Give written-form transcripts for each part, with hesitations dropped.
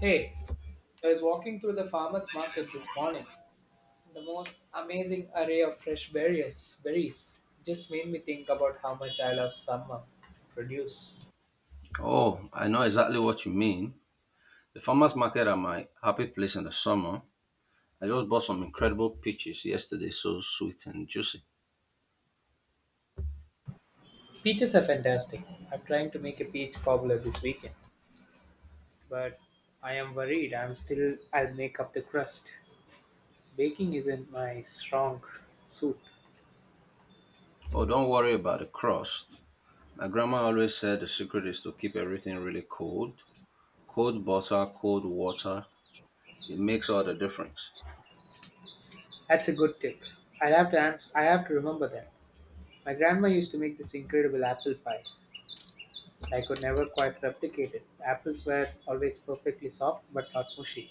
Hey, so I was walking through the farmer's market this morning. The most amazing array of fresh berries just made me think about how much I love summer produce. Oh, I know exactly what you mean. The farmers market are my happy place in the summer. I just bought some incredible peaches yesterday, so sweet and juicy. Peaches are fantastic. I'm trying to make a peach cobbler this weekend, but I am worried I'll make up the crust. Baking isn't my strong suit. Oh, don't worry about the crust. My grandma always said the secret is to keep everything really cold. Cold butter, cold water, it makes all the difference. That's a good tip. I have to remember that. My grandma used to make this incredible apple pie. I could never quite replicate it. The apples were always perfectly soft but not mushy.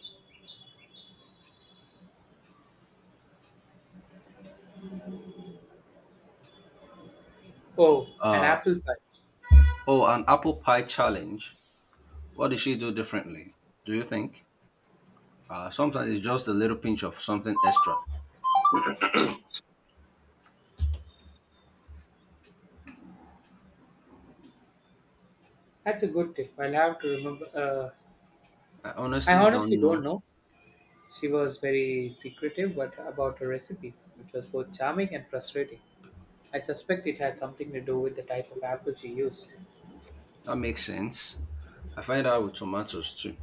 Oh, an Uh, apple pie. oh, an apple pie challenge. What did she do differently? Do you think? Sometimes it's just a little pinch of something extra. That's a good tip. I'll have to remember. I I honestly honestly don't don't know. know. She was very secretive but about her recipes, which was both charming and frustrating. I suspect it had something to do with the type of apple she used. That makes sense. I find out with tomatoes too.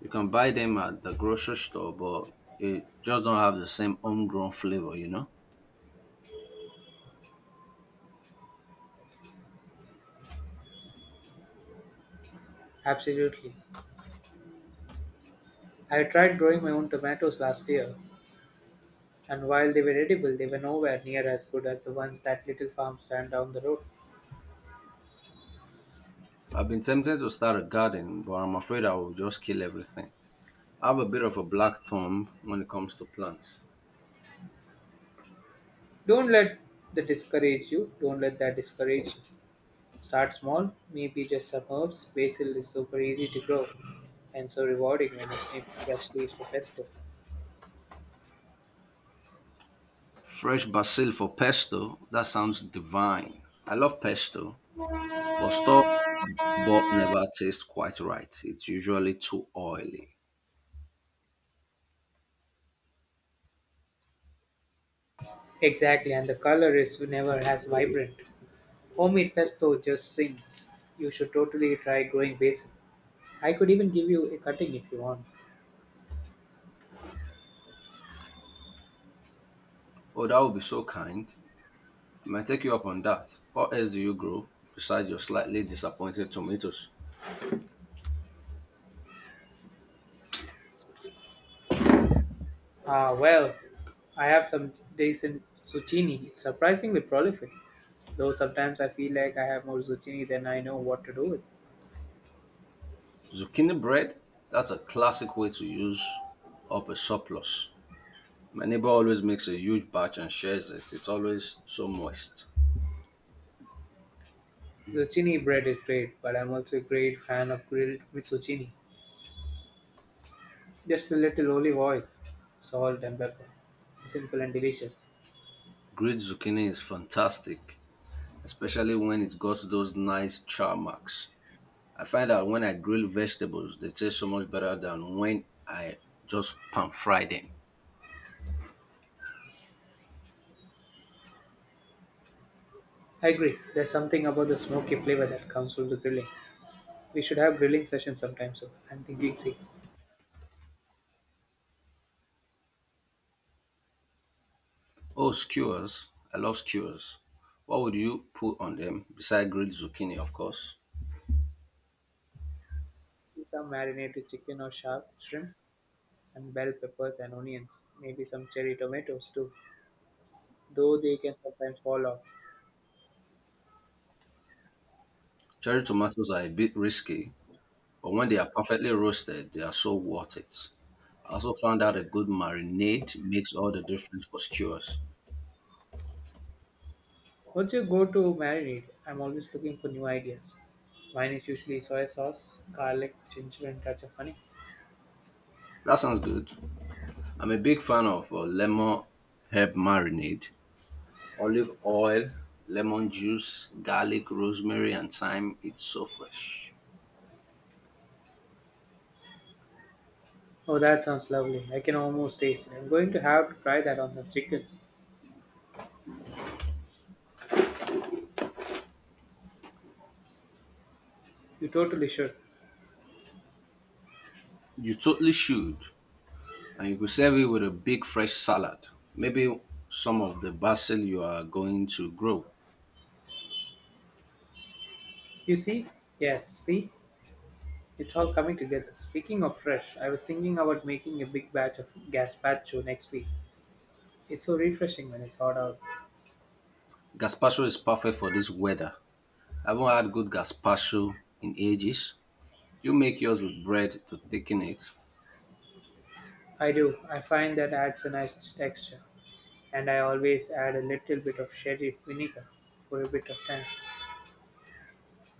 You can buy them at the grocery store, but it just don't have the same homegrown flavor, you know? Absolutely. I tried growing my own tomatoes last year, and while they were edible, they were nowhere near as good as the ones that little farm stand down the road. I've been tempted to start a garden, but I'm afraid I will just kill everything. I have a bit of a black thumb when it comes to plants. Don't let that discourage you. Don't let that discourage you. Start small, maybe just some herbs. Basil is super easy to grow and so rewarding when you snip fresh leaves for pesto. Fresh basil for pesto, that sounds divine. I love pesto, but store bought never tastes quite right. It's usually too oily. Exactly, and the color is never as vibrant. Homemade pesto just sings. You should totally try growing basil. I could even give you a cutting if you want. Oh, that would be so kind. I might take you up on that. What else do you grow besides your slightly disappointed tomatoes? Ah, well, I have some decent zucchini. It's surprisingly prolific. Though sometimes I feel like I have more zucchini than I know what to do with. Zucchini bread, that's a classic way to use up a surplus. My neighbor always makes a huge batch and shares it. It's always so moist. Zucchini bread is great, but I'm also a great fan of grilled with zucchini. Just a little olive oil, salt, and pepper. Simple and delicious. Grilled zucchini is fantastic, especially when it's got those nice char marks. I find that when I grill vegetables, they taste so much better than when I just pan fry them. I agree, there's something about the smoky flavor that comes from the grilling. We should have grilling sessions sometime soon. I'm thinking serious. Oh, skewers. I love skewers. What would you put on them besides grilled zucchini, of course? Some marinated chicken or shark shrimp, and bell peppers and onions. Maybe some cherry tomatoes too, though they can sometimes fall off. Cherry tomatoes are a bit risky, but when they are perfectly roasted, they are so worth it. I also found out a good marinade makes all the difference for skewers. What's your go to marinade? I'm always looking for new ideas. Mine is usually soy sauce, garlic, ginger, and touch of honey. That sounds good. I'm a big fan of lemon herb marinade, olive oil, lemon juice, garlic, rosemary, and thyme. It's so fresh. Oh, that sounds lovely. I can almost taste it. I'm going to have to try that on the chicken. You totally should. You totally should. And you could serve it with a big fresh salad. Maybe some of the basil you are going to grow. You see? Yes, see? It's all coming together. Speaking of fresh, I was thinking about making a big batch of gazpacho next week. It's so refreshing when it's hot out. Gazpacho is perfect for this weather. I haven't had good gazpacho in ages. You make yours with bread to thicken it. I do. I find that adds a nice texture. And I always add a little bit of sherry vinegar for a bit of tang.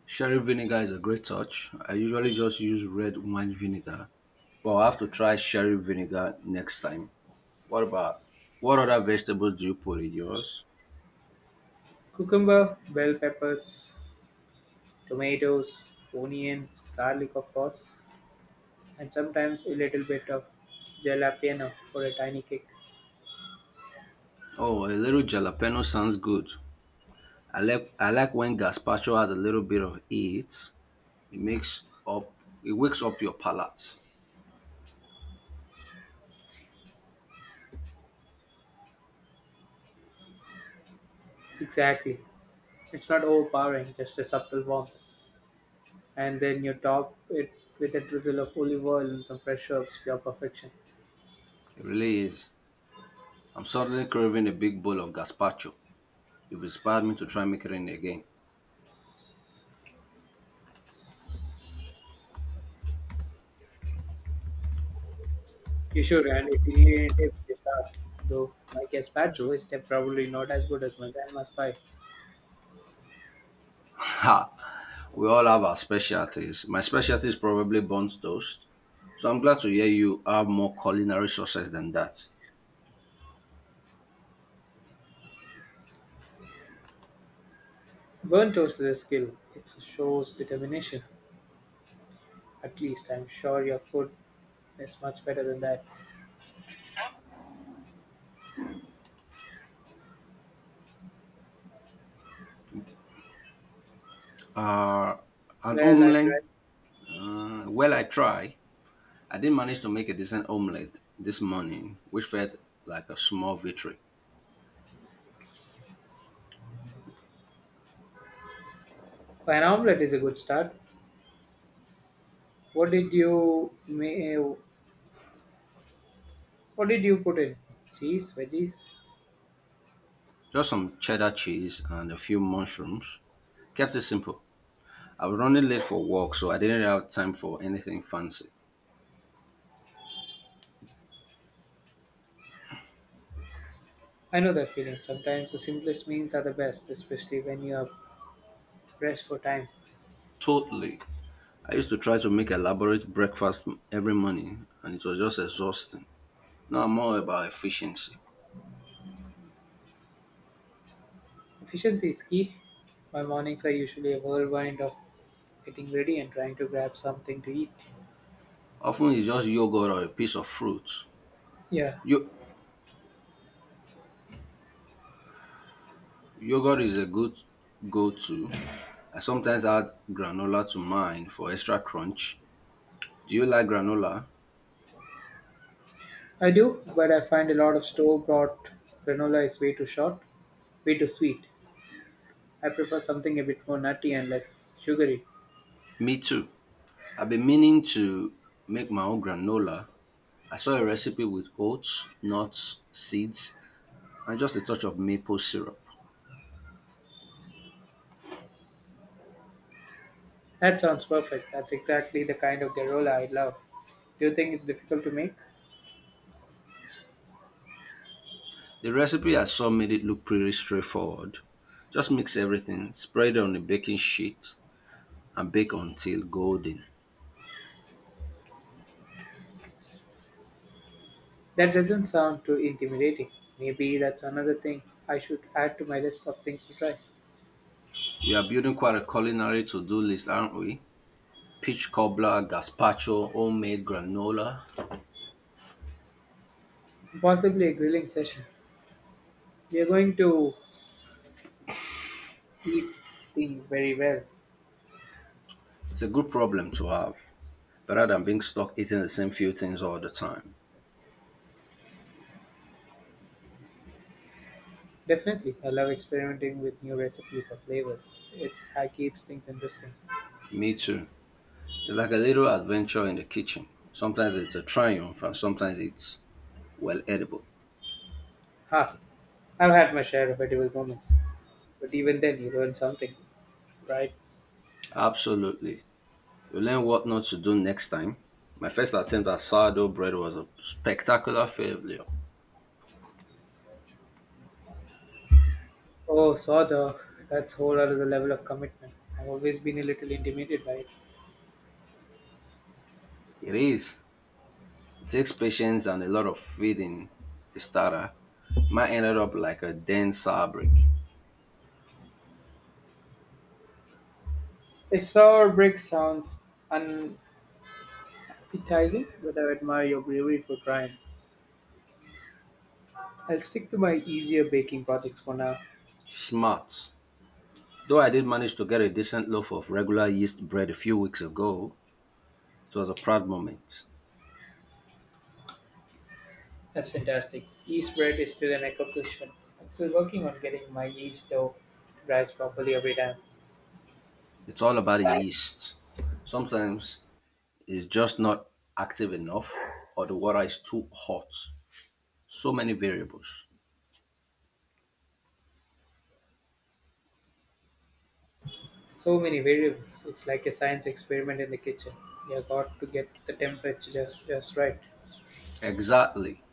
Sherry vinegar is a great touch. I usually just use red wine vinegar, but I'll have to try sherry vinegar next time. What about what other vegetables do you put in yours? Cucumber, bell peppers, tomatoes, onions, garlic of course, and sometimes a little bit of jalapeno for a tiny kick. Oh, a little jalapeno sounds good. I like when gazpacho has a little bit of it. It makes up It wakes up your palate. Exactly. It's not overpowering, just a subtle warmth. And then you top it with a drizzle of olive oil and some fresh herbs, pure perfection. It really is. I'm suddenly craving a big bowl of gazpacho. You've inspired me to try making it again. You should, and if you need any tip, just ask. Though my probably not as good as my grandma's pie. Ha! We all have our specialties. My specialty is probably burnt toast. So I'm glad to hear you have more culinary success than that. Burnt toast is a skill. It shows determination. At least I'm sure your food is much better than that. Uh, an Well, I omelette, tried. well, I try. I did manage to make a decent omelette this morning, which felt like a small victory. An omelette is a good start. What did you make? What did you put in? Cheese, veggies? Just some cheddar cheese and a few mushrooms. Kept it simple. I was running late for work, so I didn't have time for anything fancy. I know that feeling. Sometimes the simplest meals are the best, especially when you have pressed for time. Totally. I used to try to make elaborate breakfast every morning, and it was just exhausting. Now I'm more about efficiency. Efficiency is key. My mornings are usually a whirlwind of getting ready and trying to grab something to eat. Often it's just yogurt or a piece of fruit. Yeah, Yo- Yogurt is a good go-to. I sometimes add granola to mine for extra crunch. Do you like granola? I do, but I find a lot of store bought granola is way too short, way too sweet. I prefer something a bit more nutty and less sugary. Me too. I've been meaning to make my own granola. I saw a recipe with oats, nuts, seeds, and just a touch of maple syrup. That sounds perfect. That's exactly the kind of granola I love. Do you think it's difficult to make? The recipe I saw made it look pretty straightforward. Just mix everything, spread it on a baking sheet, and bake until golden. That doesn't sound too intimidating. Maybe that's another thing I should add to my list of things to try. We are building quite a culinary to-do list, aren't we? Peach cobbler, gazpacho, homemade granola. Possibly a grilling session. We are going to eat thing very well. It's a good problem to have, better than being stuck eating the same few things all the time. Definitely, I love experimenting with new recipes or flavors. Keeps things interesting. Me too. It's like a little adventure in the kitchen. Sometimes it's a triumph and sometimes it's, well, edible. Ha! I've had my share of edible moments, but even then, you learn something, right? Absolutely. You learn what not to do next time. My first attempt at sourdough bread was a spectacular failure. Oh, saw the that's whole other level of commitment. I've always been a little intimidated by it. It is. It takes patience and a lot of faith in the starter. Mine ended up like a dense sour brick. A sour brick sounds un- enticing, but I admire your bravery for trying. I'll stick to my easier baking projects for now. Smart. Though I did manage to get a decent loaf of regular yeast bread a few weeks ago, it was a proud moment. That's fantastic. Yeast bread is still an accomplishment. I'm still working on getting my yeast dough to rise properly every time. It's all about the yeast. Sometimes it's just not active enough or the water is too hot. So many variables. So many variables. It's like a science experiment in the kitchen. You got to get the temperature just right. Exactly.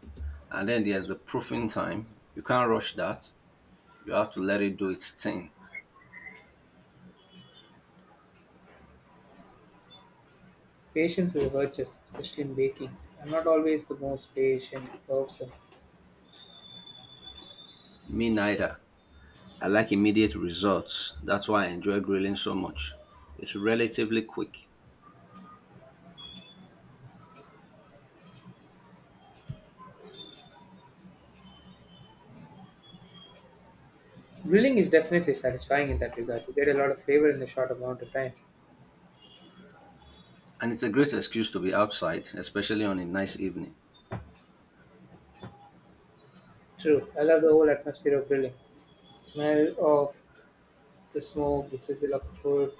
And then there's the proofing time. You can't rush that. You have to let it do its thing. Patience is a virtue, especially in baking. I'm not always the most patient person. Me neither. I like immediate results. That's why I enjoy grilling so much. It's relatively quick. Grilling is definitely satisfying in that regard. You get a lot of flavor in a short amount of time. And it's a great excuse to be outside, especially on a nice evening. True. I love the whole atmosphere of grilling. Smell of the smoke, the sizzle of the food.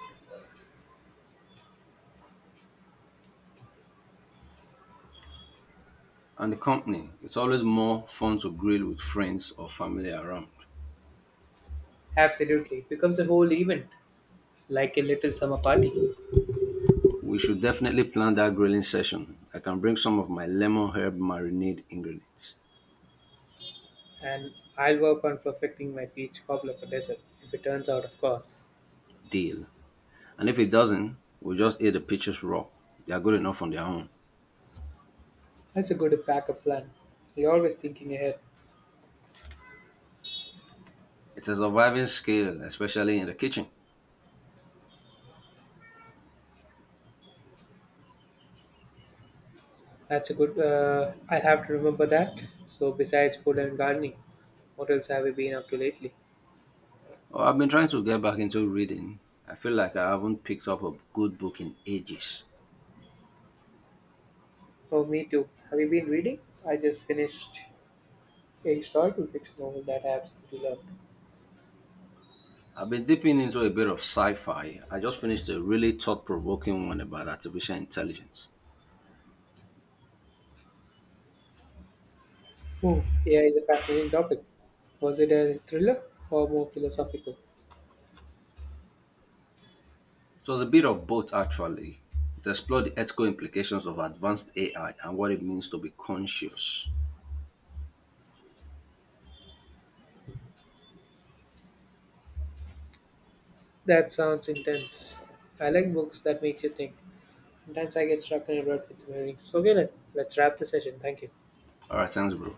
And the company, it's always more fun to grill with friends or family around. Absolutely. It becomes a whole event, like a little summer party. We should definitely plan that grilling session. I can bring some of my lemon herb marinade ingredients. And I'll work on perfecting my peach cobbler for dessert, if it turns out, of course. Deal. And if it doesn't, we'll just eat the peaches raw. They are good enough on their own. That's a good backup plan. You're always thinking ahead. It's a surviving skill, especially in the kitchen. That's a good, I'll have to remember that. So, besides food and gardening, what else have you been up to lately? Oh, I've been trying to get back into reading. I feel like I haven't picked up a good book in ages. Oh, me too. Have you been reading? I just finished a historical fiction novel that I absolutely loved. I've been dipping into a bit of sci fi. I just finished a really thought provoking one about artificial intelligence. Oh, AI is a fascinating topic. Was it a thriller or more philosophical? It was a bit of both, actually. It explored the ethical implications of advanced AI and what it means to be conscious. That sounds intense. I like books that makes you think. Sometimes I get stuck in a rut with my reading. So okay, let's wrap the session. Thank you. All right, thanks, bro.